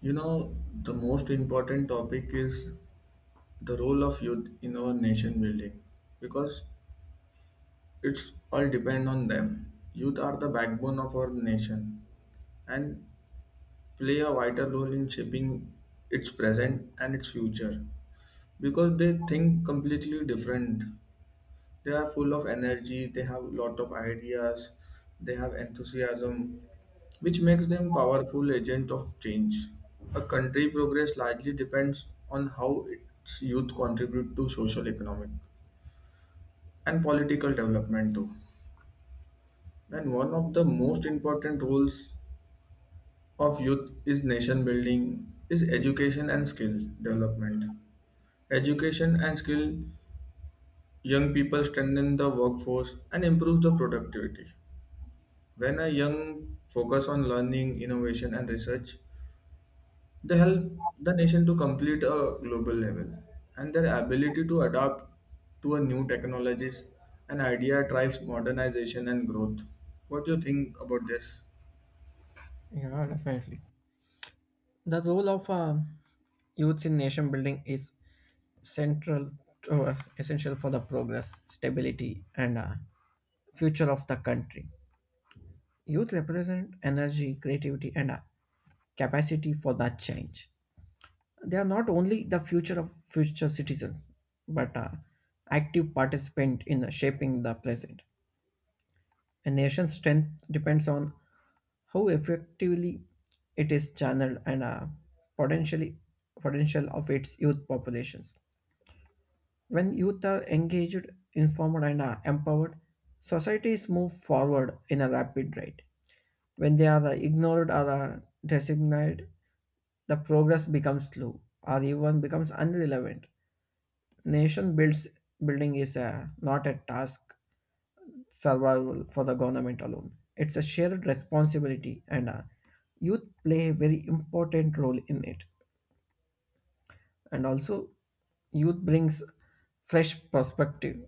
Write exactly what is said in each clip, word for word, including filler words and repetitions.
You know, the most important topic is the role of youth in our nation building because it's all depend on them. Youth are the backbone of our nation and play a vital role in shaping its present and its future because they think completely different they are full of energy they have a lot of ideas they have enthusiasm which makes them powerful agent of change a country progress largely depends on how its youth contribute to social economic and political development too and one of the most important roles of youth is nation building is education and skill development education and skill young people strengthen the workforce and improve the productivity. When a young focus on learning, innovation, and research, they help the nation to complete a global level. And their ability to adapt to a new technologies and idea drives modernization and growth. What do you think about this? Yeah, definitely. The role of uh, youth in nation building is central to uh, essential for the progress, stability, and uh, future of the country. Youth represent energy, creativity, and uh, capacity for that change. They are not only the future of future citizens, but uh, active participant in shaping the present. A nation's strength depends on how effectively it is channeled and uh, potentially potential of its youth populations. When youth are engaged, informed, and uh, empowered, societies move forward in a rapid rate. When they are uh, ignored or uh, designated, the progress becomes slow or even becomes irrelevant. Nation builds Building is uh, not a task; survival for the government alone. It's a shared responsibility, and uh, youth play a very important role in it. And also, youth brings fresh perspective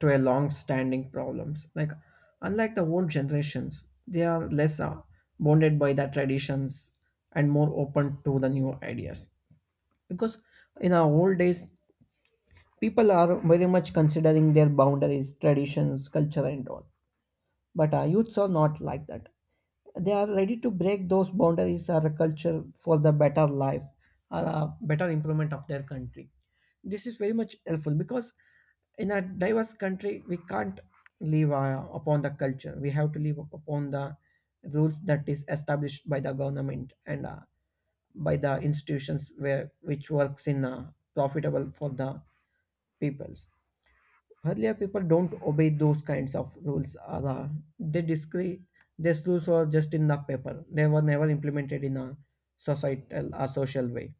to a long-standing problems. Like unlike the old generations, they are less uh, bonded by the traditions and more open to the new ideas. Because in our old days, people are very much considering their boundaries, traditions, culture, and all. But our youths are not like that, they are ready to break those boundaries or a culture for the better life or a better improvement of their country. This is very much helpful because in a diverse country we can't live uh, upon the culture, we have to live upon the rules that is established by the government and uh, by the institutions where which works in uh, profitable for the peoples. Earlier people don't obey those kinds of rules or uh, they disagree. These rules were just in the paper, they were never implemented in a societal or social way.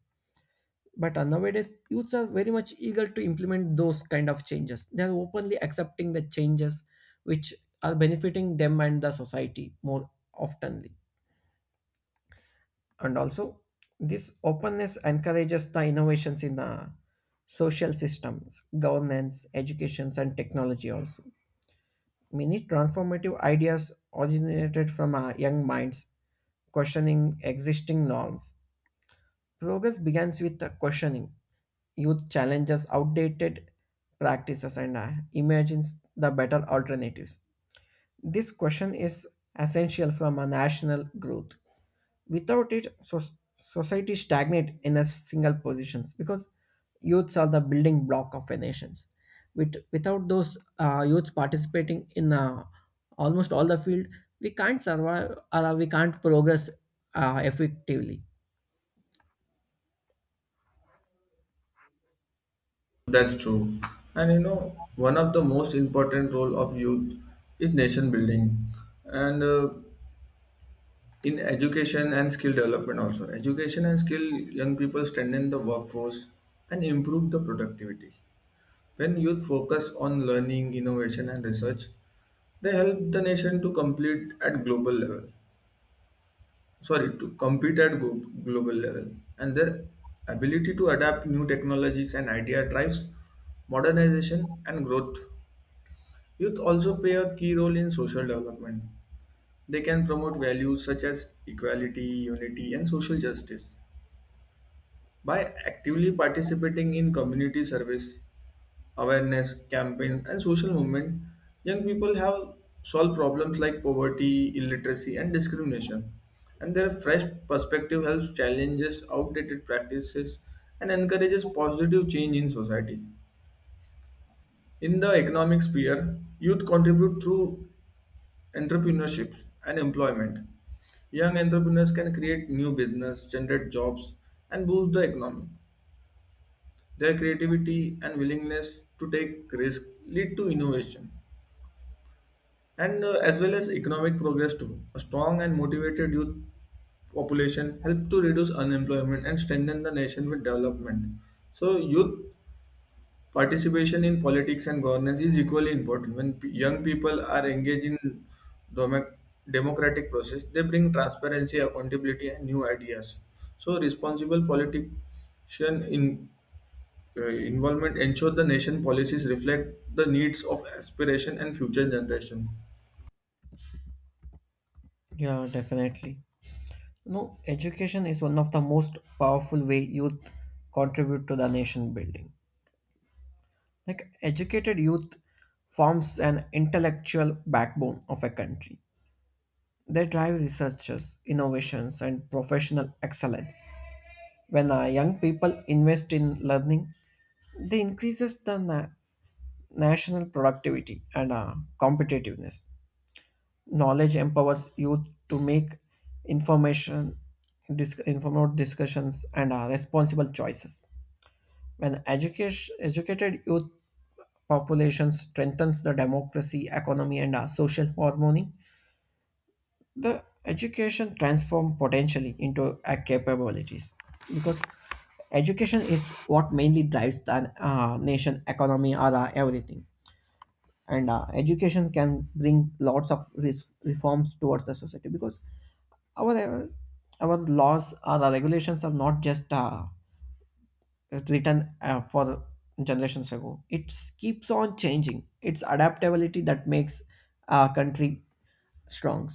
But uh, nowadays youths are very much eager to implement those kind of changes. They are openly accepting the changes which are benefiting them and the society more oftenly. And also, this openness encourages the innovations in the social systems, governance, educations, and technology also. Many transformative ideas originated from our young minds questioning existing norms. Progress begins with the questioning. Youth challenges outdated practices and uh, imagines the better alternatives. This question is essential from a national growth, without it so society stagnate in a single positions because youths are the building block of a nations. With, without those uh, youths participating in uh, almost all the field, we can't survive or uh, we can't progress uh, effectively. That's true. And you know, one of the most important role of youth is nation building and uh, in education and skill development also. Education and skill young people strengthen the workforce and improve the productivity. When youth focus on learning, innovation, and research, they help the nation to complete at global level. Sorry, to compete at glo- global level, and their ability to adapt new technologies and idea drives modernization and growth. Youth also play a key role in social development. They can promote values such as equality, unity, and social justice by actively participating in community service awareness campaigns, and social movement, young people have solved problems like poverty, illiteracy, and discrimination. And their fresh perspective helps challenges outdated practices and encourages positive change in society. In the economic sphere, youth contribute through entrepreneurships and employment. Young entrepreneurs can create new business, generate jobs, and boost the economy. Their creativity and willingness to take risk lead to innovation. and uh, as well as economic progress too. A strong and motivated youth population help to reduce unemployment and strengthen the nation with development. So youth participation in politics and governance is equally important. When p- young people are engaged in domo- democratic process, they bring transparency, accountability, and new ideas. So responsible politician in uh, involvement ensure the nation policies reflect the needs of aspiration and future generation. Yeah, definitely. No, education is one of the most powerful way youth contribute to the nation building. Like educated youth forms an intellectual backbone of a country. They drive researchers, innovations, and professional excellence. When uh, young people invest in learning, they increases the na- national productivity and uh, competitiveness. Knowledge empowers youth to make information, dis- informed discussions, and uh, responsible choices. When education, educated youth population strengthens the democracy, economy, and uh, social harmony, the education transform potentially into a capabilities because education is what mainly drives the uh, nation economy or uh, everything. And uh, education can bring lots of res- reforms towards the society because our our laws or the regulations are not just uh, it written uh, for generations ago. It keeps on changing. It's adaptability that makes our country strong.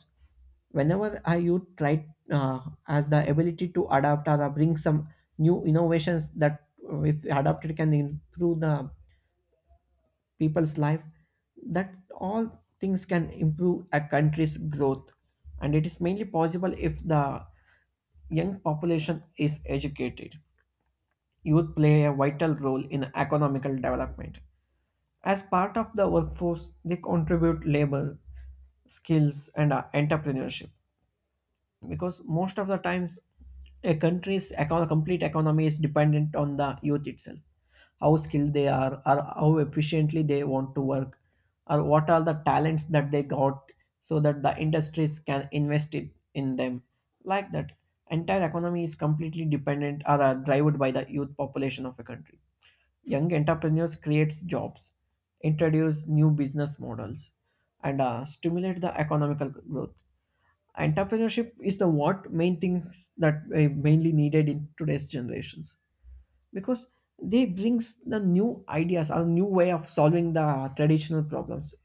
Whenever our youth try uh, has the ability to adapt or bring some new innovations that uh, if adapted can improve the people's life, that all things can improve a country's growth. And it is mainly possible if the young population is educated. Youth play a vital role in economical development. As part of the workforce, they contribute labor, skills, and uh, entrepreneurship because most of the times a country's econ- complete economy is dependent on the youth itself. How skilled they are or how efficiently they want to work or what are the talents that they got, so that the industries can invest it in them. Like that, entire economy is completely dependent or are driven by the youth population of a country. Young entrepreneurs creates jobs, introduce new business models, and uh, stimulate the economical growth. Entrepreneurship is the what main things that are mainly needed in today's generations because they brings the new ideas or new way of solving the traditional problems.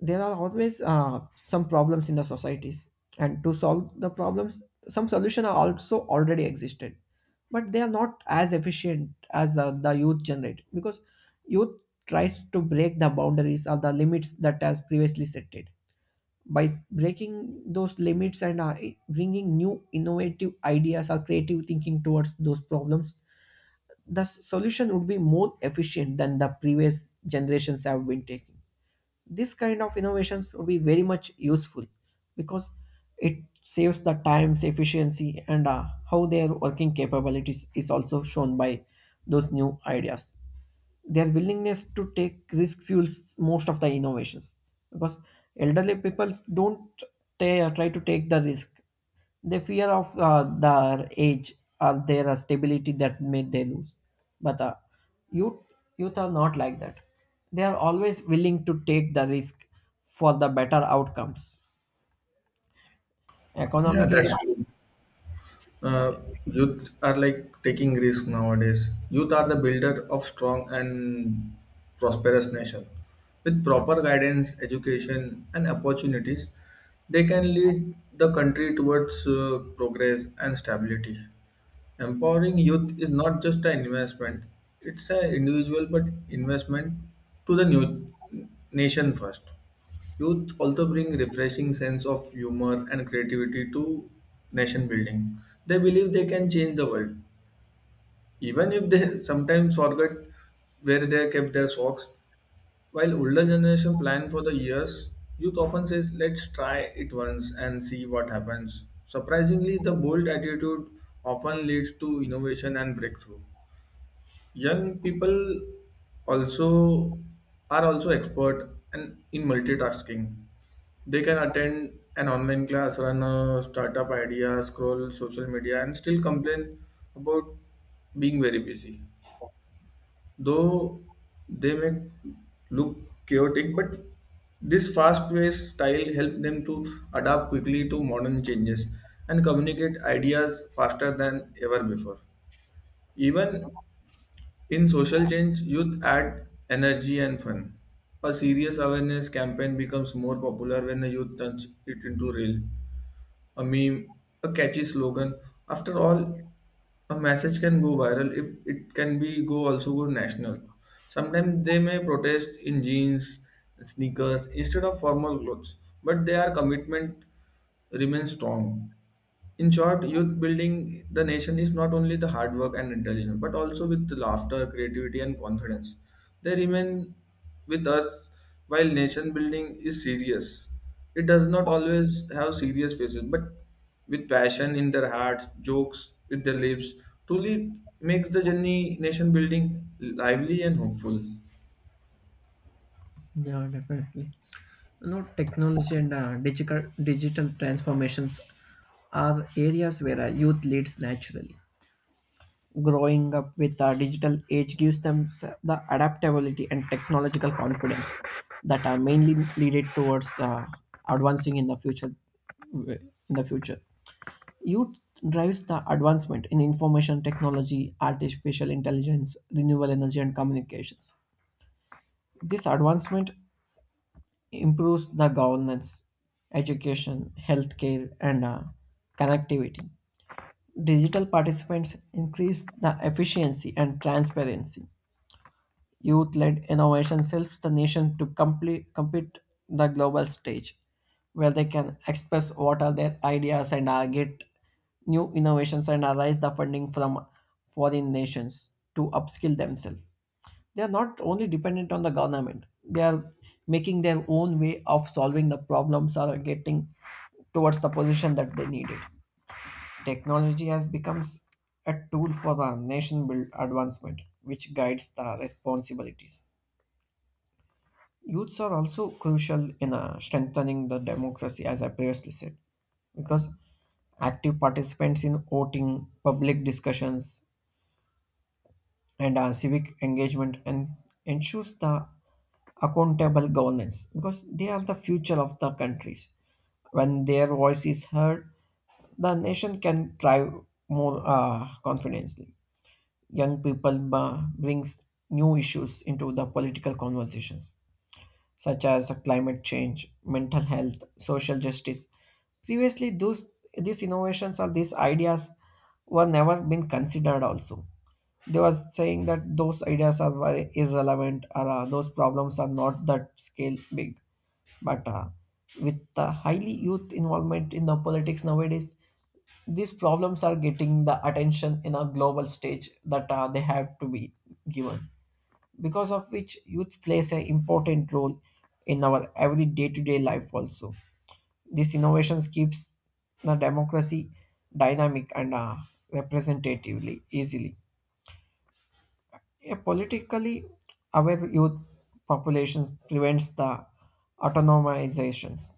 There are always uh, some problems in the societies, and to solve the problems some solution are also already existed, but they are not as efficient as the, the youth generate because youth tries to break the boundaries or the limits that has previously set it. By breaking those limits and uh, bringing new innovative ideas or creative thinking towards those problems, the s- solution would be more efficient than the previous generations have been taking. This kind of innovations would be very much useful because it saves the times efficiency and uh, how their working capabilities is also shown by those new ideas. Their willingness to take risk fuels most of the innovations because elderly people don't ta- try to take the risk. They fear of uh, their age or their uh, stability that may they lose. But uh, youth youth are not like that, they are always willing to take the risk for the better outcomes. Yeah, Economic that's independence. true. Uh, Youth are like taking risk nowadays. Youth are the builder of strong and prosperous nation. With proper guidance, education, and opportunities, they can lead the country towards uh, progress and stability. Empowering youth is not just an investment, it's an individual but investment to the new nation first. Youth also bring refreshing sense of humor and creativity to nation building. They believe they can change the world, even if they sometimes forget where they kept their socks. While older generation plan for the years, youth often says, let's try it once and see what happens. Surprisingly, the bold attitude often leads to innovation and breakthrough. Young people also are also expert and in multitasking. They can attend an online class, run a startup idea, scroll social media, and still complain about being very busy though they may look chaotic, but this fast-paced style helped them to adapt quickly to modern changes and communicate ideas faster than ever before. Even in social change, youth add energy and fun. A serious awareness campaign becomes more popular when the youth turns it into real a meme, a catchy slogan. After all, a message can go viral if it can be go also go national. Sometimes they may protest in jeans, sneakers instead of formal clothes, but their commitment remains strong. In short, youth building the nation is not only the hard work and intelligence, but also with the laughter, creativity, and confidence. They remain with us while nation building is serious. It does not always have serious faces, but with passion in their hearts, jokes with their lips, truly makes the journey nation building lively and hopeful. Yeah, definitely. You know, technology and uh, digital digital transformations are areas where uh, youth leads naturally. Growing up with a digital age gives them s- the adaptability and technological confidence that are mainly leaded towards uh, advancing in the future. In the future, youth drives the advancement in information technology, artificial intelligence, renewable energy, and communications. This advancement improves the governance, education, healthcare, and uh, connectivity. Digital participants increase the efficiency and transparency. Youth led innovation helps the nation to complete, compete the global stage where they can express what are their ideas and uh, get new innovations and uh, raise the funding from foreign nations to upskill themselves. They are not only dependent on the government, they are making their own way of solving the problems or getting towards the position that they needed. Technology has become a tool for the nation build advancement which guides the responsibilities. Youths are also crucial in uh, strengthening the democracy as I previously said because active participants in voting, public discussions, and uh, civic engagement and ensures the accountable governance because they are the future of the countries. When their voice is heard, the nation can thrive more uh, confidently. Young people uh, brings new issues into the political conversations such as climate change, mental health, social justice. Previously, those, these innovations or these ideas were never been considered also. They were saying that those ideas are very irrelevant or uh, those problems are not that scale big. But uh, with the highly youth involvement in the politics nowadays, these problems are getting the attention in a global stage that uh, they have to be given because of which youth plays an important role in our every day-to-day life also. This innovations keeps the democracy dynamic and uh, representatively easily. A politically aware youth populations prevents the autonomizations.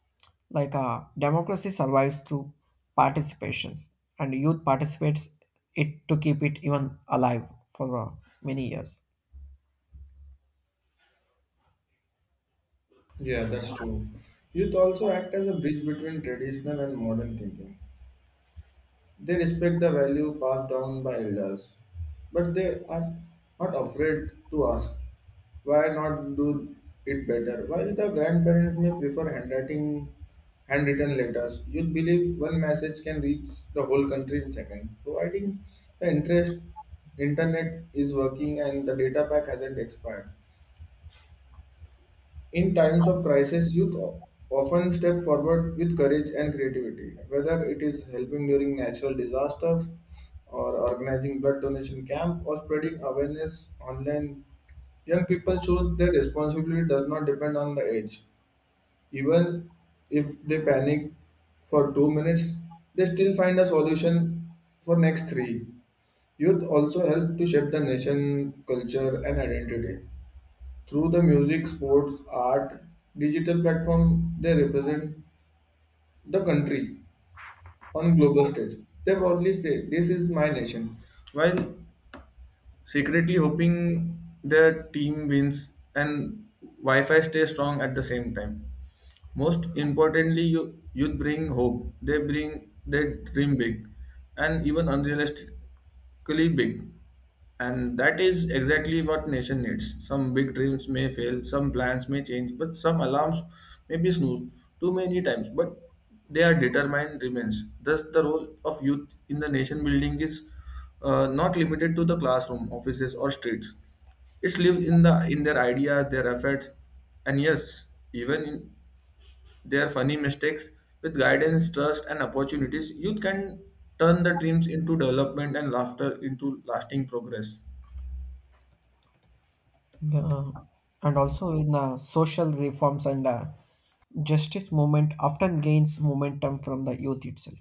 Like uh, democracy survives through participations, and youth participates it to keep it even alive for uh, many years. Yeah, that's true. Youth also act as a bridge between traditional and modern thinking. They respect the value passed down by elders, but they are not afraid to ask why not do it better. While the grandparents may prefer handwriting, handwritten letters, youth believe one message can reach the whole country in seconds, providing the interest internet is working and the data pack hasn't expired. In times of crisis, youth often step forward with courage and creativity, whether it is helping during natural disasters or organizing blood donation camp or spreading awareness online. Young people show their responsibility does not depend on the age. Even if they panic for two minutes, they still find a solution for next three. Youth also help to shape the nation, culture, and identity. Through the music, sports, art, digital platform, they represent the country on global stage. They proudly say, "This is my nation." While secretly hoping their team wins and Wi-Fi stays strong at the same time. Most importantly, you youth bring hope. They bring they dream big, and even unrealistically big. And that is exactly what nation needs. Some big dreams may fail, some plans may change, but some alarms may be snoozed too many times. But they are determined remains. Thus, the role of youth in the nation building is uh, not limited to the classroom, offices, or streets. It lives in the in their ideas, their efforts, and yes, even in their funny mistakes. With guidance, trust, and opportunities, youth can turn the dreams into development and laughter into lasting progress. Yeah. And also in the social reforms and uh, justice movement often gains momentum from the youth itself.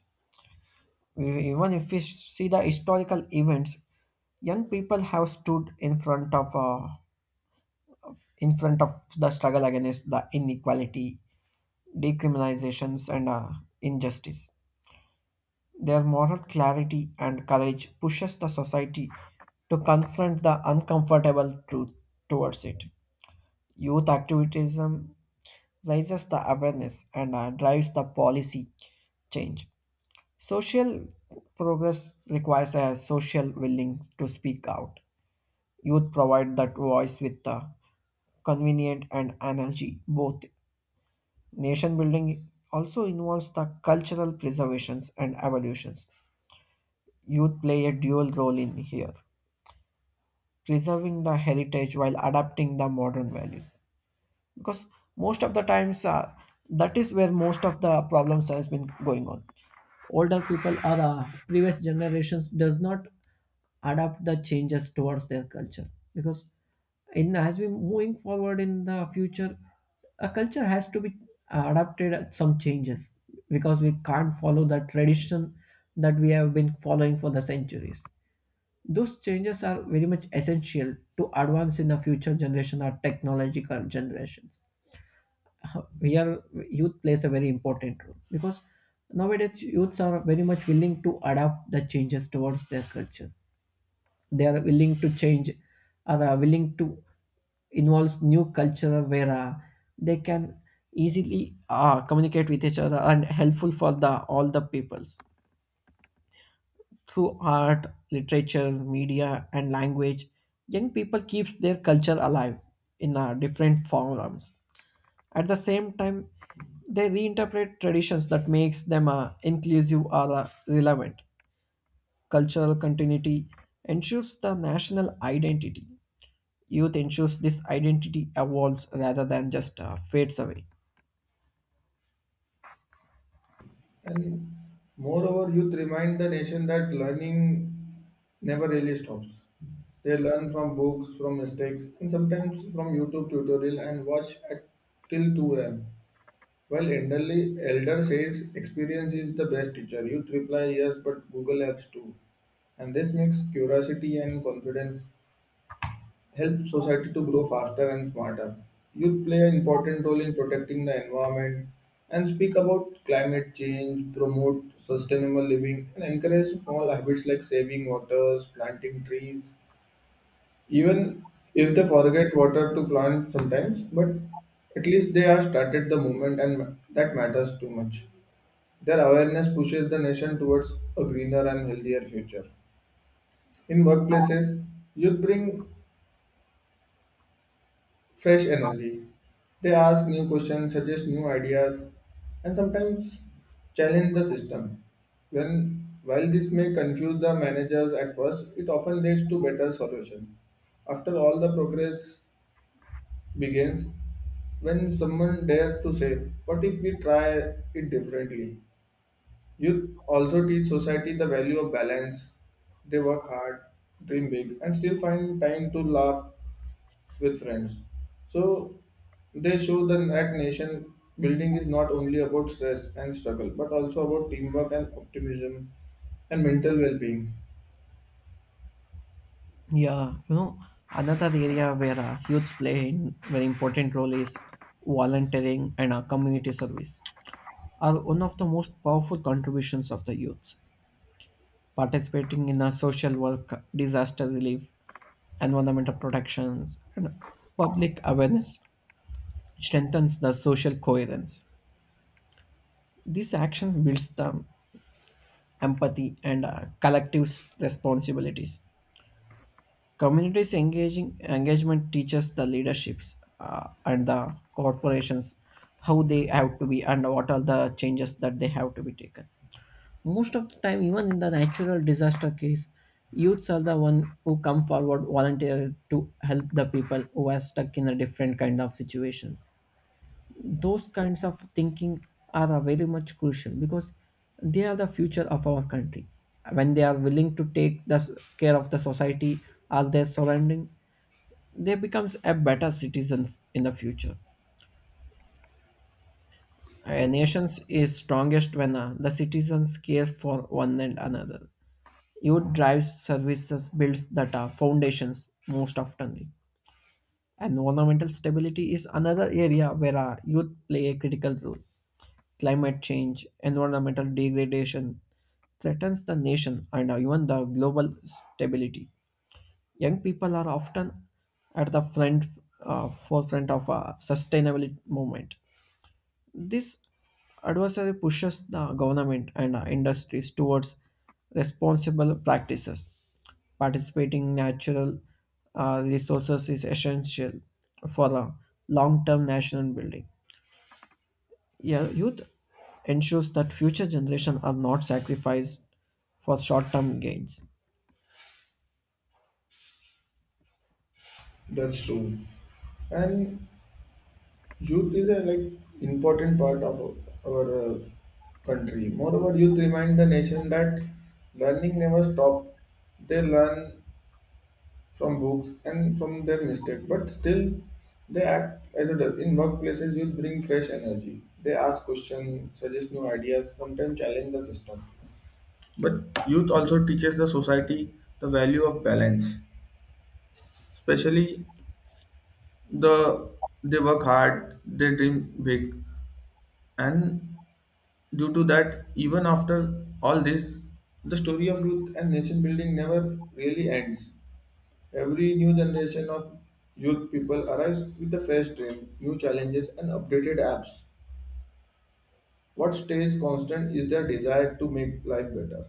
E- Even if we see the historical events, young people have stood in front of uh, in front of the struggle against the inequality, decriminalizations, and uh, injustice. Their moral clarity and courage pushes the society to confront the uncomfortable truth towards it. Youth activism raises the awareness and uh, drives the policy change. Social progress requires a social willing to speak out. Youth provide that voice with the convenient and energy. Both nation building also involves the cultural preservations and evolutions. Youth play a dual role in here, preserving the heritage while adapting the modern values. Because most of the times uh, that is where most of the problems has been going on. Older people or uh, previous generations does not adapt the changes towards their culture because in as we moving forward in the future a culture has to be adapted at some changes because we can't follow the tradition that we have been following for the centuries. Those changes are very much essential to advance in the future generation or technological generations. Here youth plays a very important role because nowadays youths are very much willing to adapt the changes towards their culture. They are willing to change, are uh, willing to involve new culture where uh, they can easily uh, communicate with each other and helpful for the all the peoples. Through art, literature, media, and language, young people keeps their culture alive in uh, different forms. At the same time, they reinterpret traditions that makes them uh, inclusive or uh, relevant. Cultural continuity ensures the national identity. Youth ensures this identity evolves rather than just uh, fades away. And moreover, youth remind the nation that learning never really stops. They learn from books, from mistakes, and sometimes from YouTube tutorial and watch at till two a m. Well, elderly elder says experience is the best teacher. Youth reply yes, but Google Apps too. And this mix curiosity and confidence help society to grow faster and smarter. Youth play an important role in protecting the environment and speak about climate change, promote sustainable living, and encourage small habits like saving waters, planting trees. Even if they forget water to plant sometimes, but at least they are started the movement, and that matters too much. Their awareness pushes the nation towards a greener and healthier future. In workplaces, youth bring fresh energy. They ask new questions, suggest new ideas, and sometimes challenge the system. When While this may confuse the managers at first, it often leads to better solution. After all the progress begins when someone dares to say, what if we try it differently? Youth also teach society the value of balance. They work hard, dream big, and still find time to laugh with friends. So they show the that nation building is not only about stress and struggle, but also about teamwork and optimism and mental well-being. Yeah, you know, Another area where uh, youths play a very important role is volunteering and uh, community service are one of the most powerful contributions of the youth. Participating in a social work, disaster relief, environmental protections, and public awareness strengthens the social coherence. This action builds the empathy and uh, collective responsibilities. Communities engaging engagement teaches the leaderships uh, and the corporations how they have to be and what are the changes that they have to be taken. Most of the time, even in the natural disaster case, youths are the one who come forward volunteer to help the people who are stuck in a different kind of situations. Those kinds of thinking are uh, very much crucial because they are the future of our country. When they are willing to take the s- care of the society or their surrounding, they becomes a better citizen in the future. A nation is strongest when uh, the citizens care for one and another. Youth drives services builds data foundations most oftenly. Environmental stability is another area where our youth play a critical role. Climate change, environmental degradation threatens the nation and uh, even the global stability. Young people are often at the front, uh, forefront of a sustainability movement. This adversary pushes the government and uh, industries towards responsible practices. Participating natural uh, resources is essential for a long-term national building. Yeah, youth ensures that future generations are not sacrificed for short-term gains. That's true. And youth is a like important part of our uh, country. Moreover, youth remind the nation that learning never stop. They learn from books and from their mistake, but still they act as adults. In workplaces, youth bring fresh energy. They ask questions, suggest new ideas, sometimes challenge the system. But youth also teaches the society the value of balance. Especially the they work hard, they dream big, and due to that, even after all this, the story of youth and nation building never really ends. Every new generation of youth people arrives with a fresh dream, new challenges, and updated apps. What stays constant is their desire to make life better,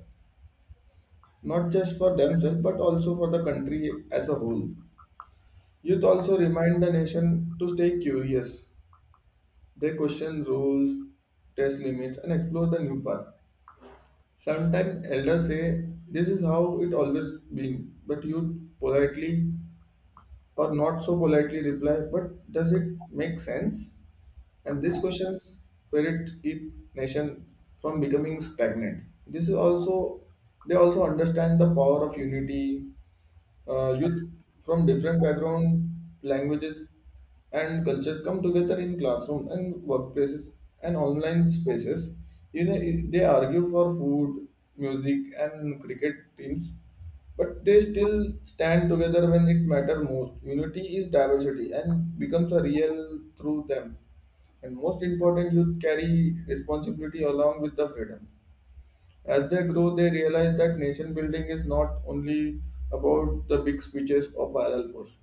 not just for themselves but also for the country as a whole. Youth also remind the nation to stay curious. They question rules, test limits, and explore the new path. Sometimes elders say this is how it always been, but youth politely or not so politely reply, but does it make sense? And this questions spirit keep nation from becoming stagnant. This is also They also understand the power of unity, uh, youth from different background, languages, and cultures come together in classroom and workplaces and online spaces. You know, they argue for food, music, and cricket teams, but they still stand together when it matters most. Unity is diversity and becomes a real through them. And most important, youth carry responsibility along with the freedom. As they grow, they realize that nation building is not only about the big speeches or viral posts,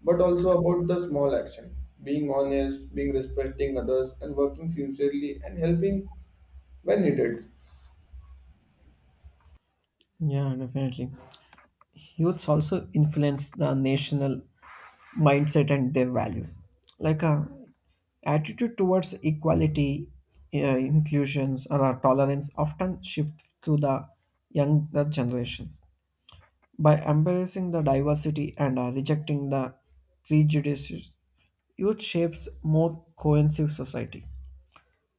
but also about the small action, being honest, being respecting others, and working sincerely and helping when needed. Yeah, definitely. Youths also influence the national mindset and their values, like a attitude towards equality, uh, inclusions or uh, tolerance often shift to the younger generations. By embracing the diversity and uh, rejecting the prejudices, youth shapes more cohesive society.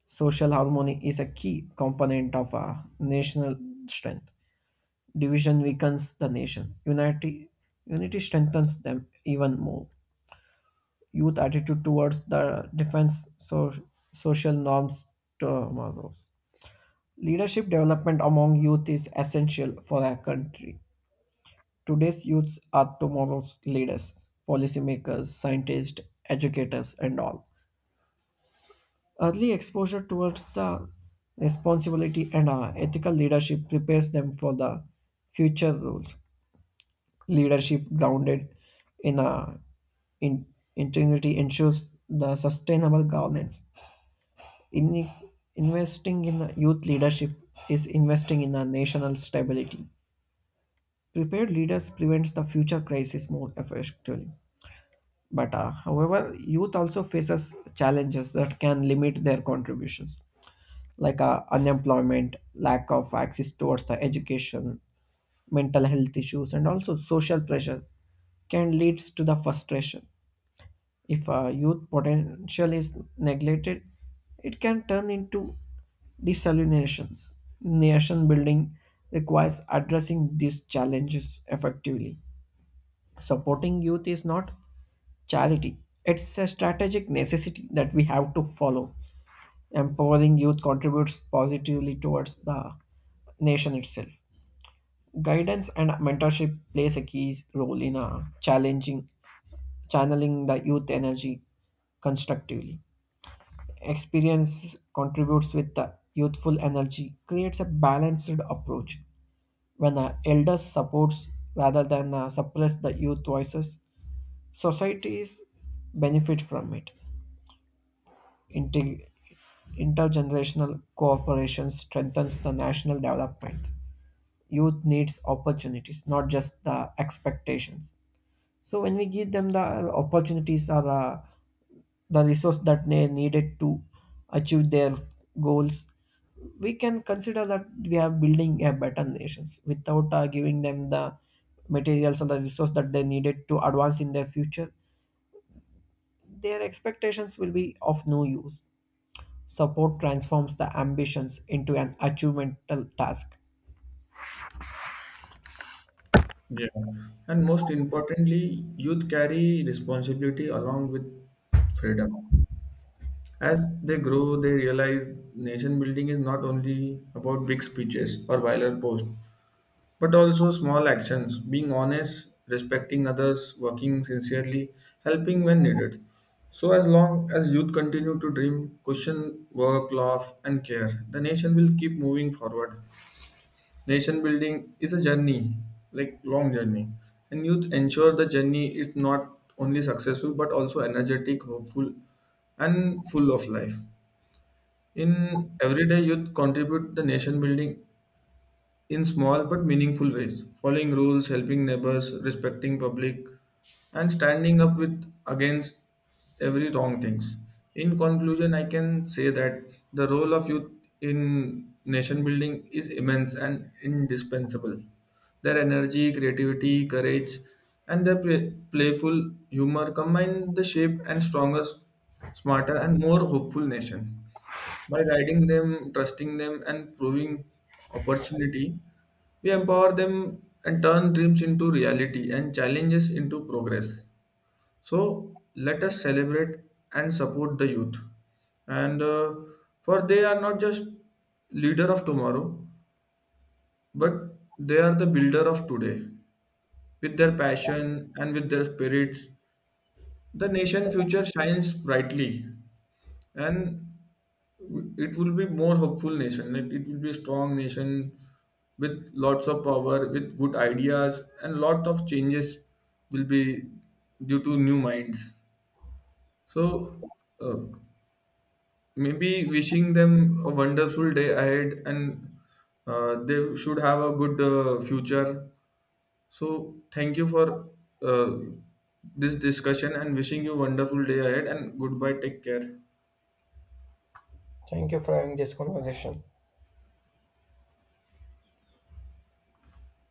Social harmony is a key component of a national strength. Division weakens the nation unity, unity strengthens them even more. Youth attitude towards the defense, so, social norms tomorrows. Leadership development among youth is essential for our country. Today's youths are tomorrow's leaders, policymakers, scientists, educators, and all. Early exposure towards the responsibility and uh, ethical leadership prepares them for the future roles. Leadership grounded in, uh, in integrity ensures the sustainable governance. In, Investing in youth leadership is investing in our national stability. Prepared leaders prevents the future crisis more effectively. But uh, however, youth also faces challenges that can limit their contributions, like uh, unemployment, lack of access towards the education, mental health issues, and also social pressure can lead to the frustration. If a youth potential is neglected, it can turn into desalinations. Nation building requires addressing these challenges effectively. Supporting youth is not charity, it's a strategic necessity that we have to follow. Empowering youth contributes positively towards the nation itself. Guidance and mentorship plays a key role in uh, challenging channeling the youth energy constructively. Experience contributes with the youthful energy creates a balanced approach. When an elder supports rather than uh, suppress the youth voices, societies benefit from it. Integ- Intergenerational cooperation strengthens the national development. Youth needs opportunities not just the expectations. So when we give them the opportunities or the, the resource that they needed to achieve their goals, we can consider that we are building a better nations. Without uh, giving them the materials and the resource that they needed to advance in their future, their expectations will be of no use. Support transforms the ambitions into an achievemental task. Yeah. And most importantly, youth carry responsibility along with freedom. As they grow, they realize nation building is not only about big speeches or viral posts, but also small actions, being honest, respecting others, working sincerely, helping when needed. So, as long as youth continue to dream, question, work, love, and care, the nation will keep moving forward. Nation building is a journey, like long journey, and youth ensure the journey is not only successful but also energetic, hopeful, and full of life. In everyday youth contribute the nation building in small but meaningful ways, following rules, helping neighbors, respecting public, and standing up with against every wrong things. In conclusion, I can say that the role of youth in nation building is immense and indispensable. Their energy, creativity, courage, and their play- playful humor combine the shape and strongest, smarter, and more hopeful nation. By guiding them, trusting them, and proving opportunity, we empower them and turn dreams into reality and challenges into progress. So let us celebrate and support the youth. And uh, For they are not just leader of tomorrow, but they are the builder of today. With their passion and with their spirits, the nation future shines brightly. And it will be more hopeful nation it, it will be a strong nation with lots of power with good ideas and lot of changes will be due to new minds so uh, maybe wishing them a wonderful day ahead and uh, they should have a good uh, future so thank you for uh, this discussion and wishing you wonderful day ahead and goodbye take care. Thank you for having this conversation.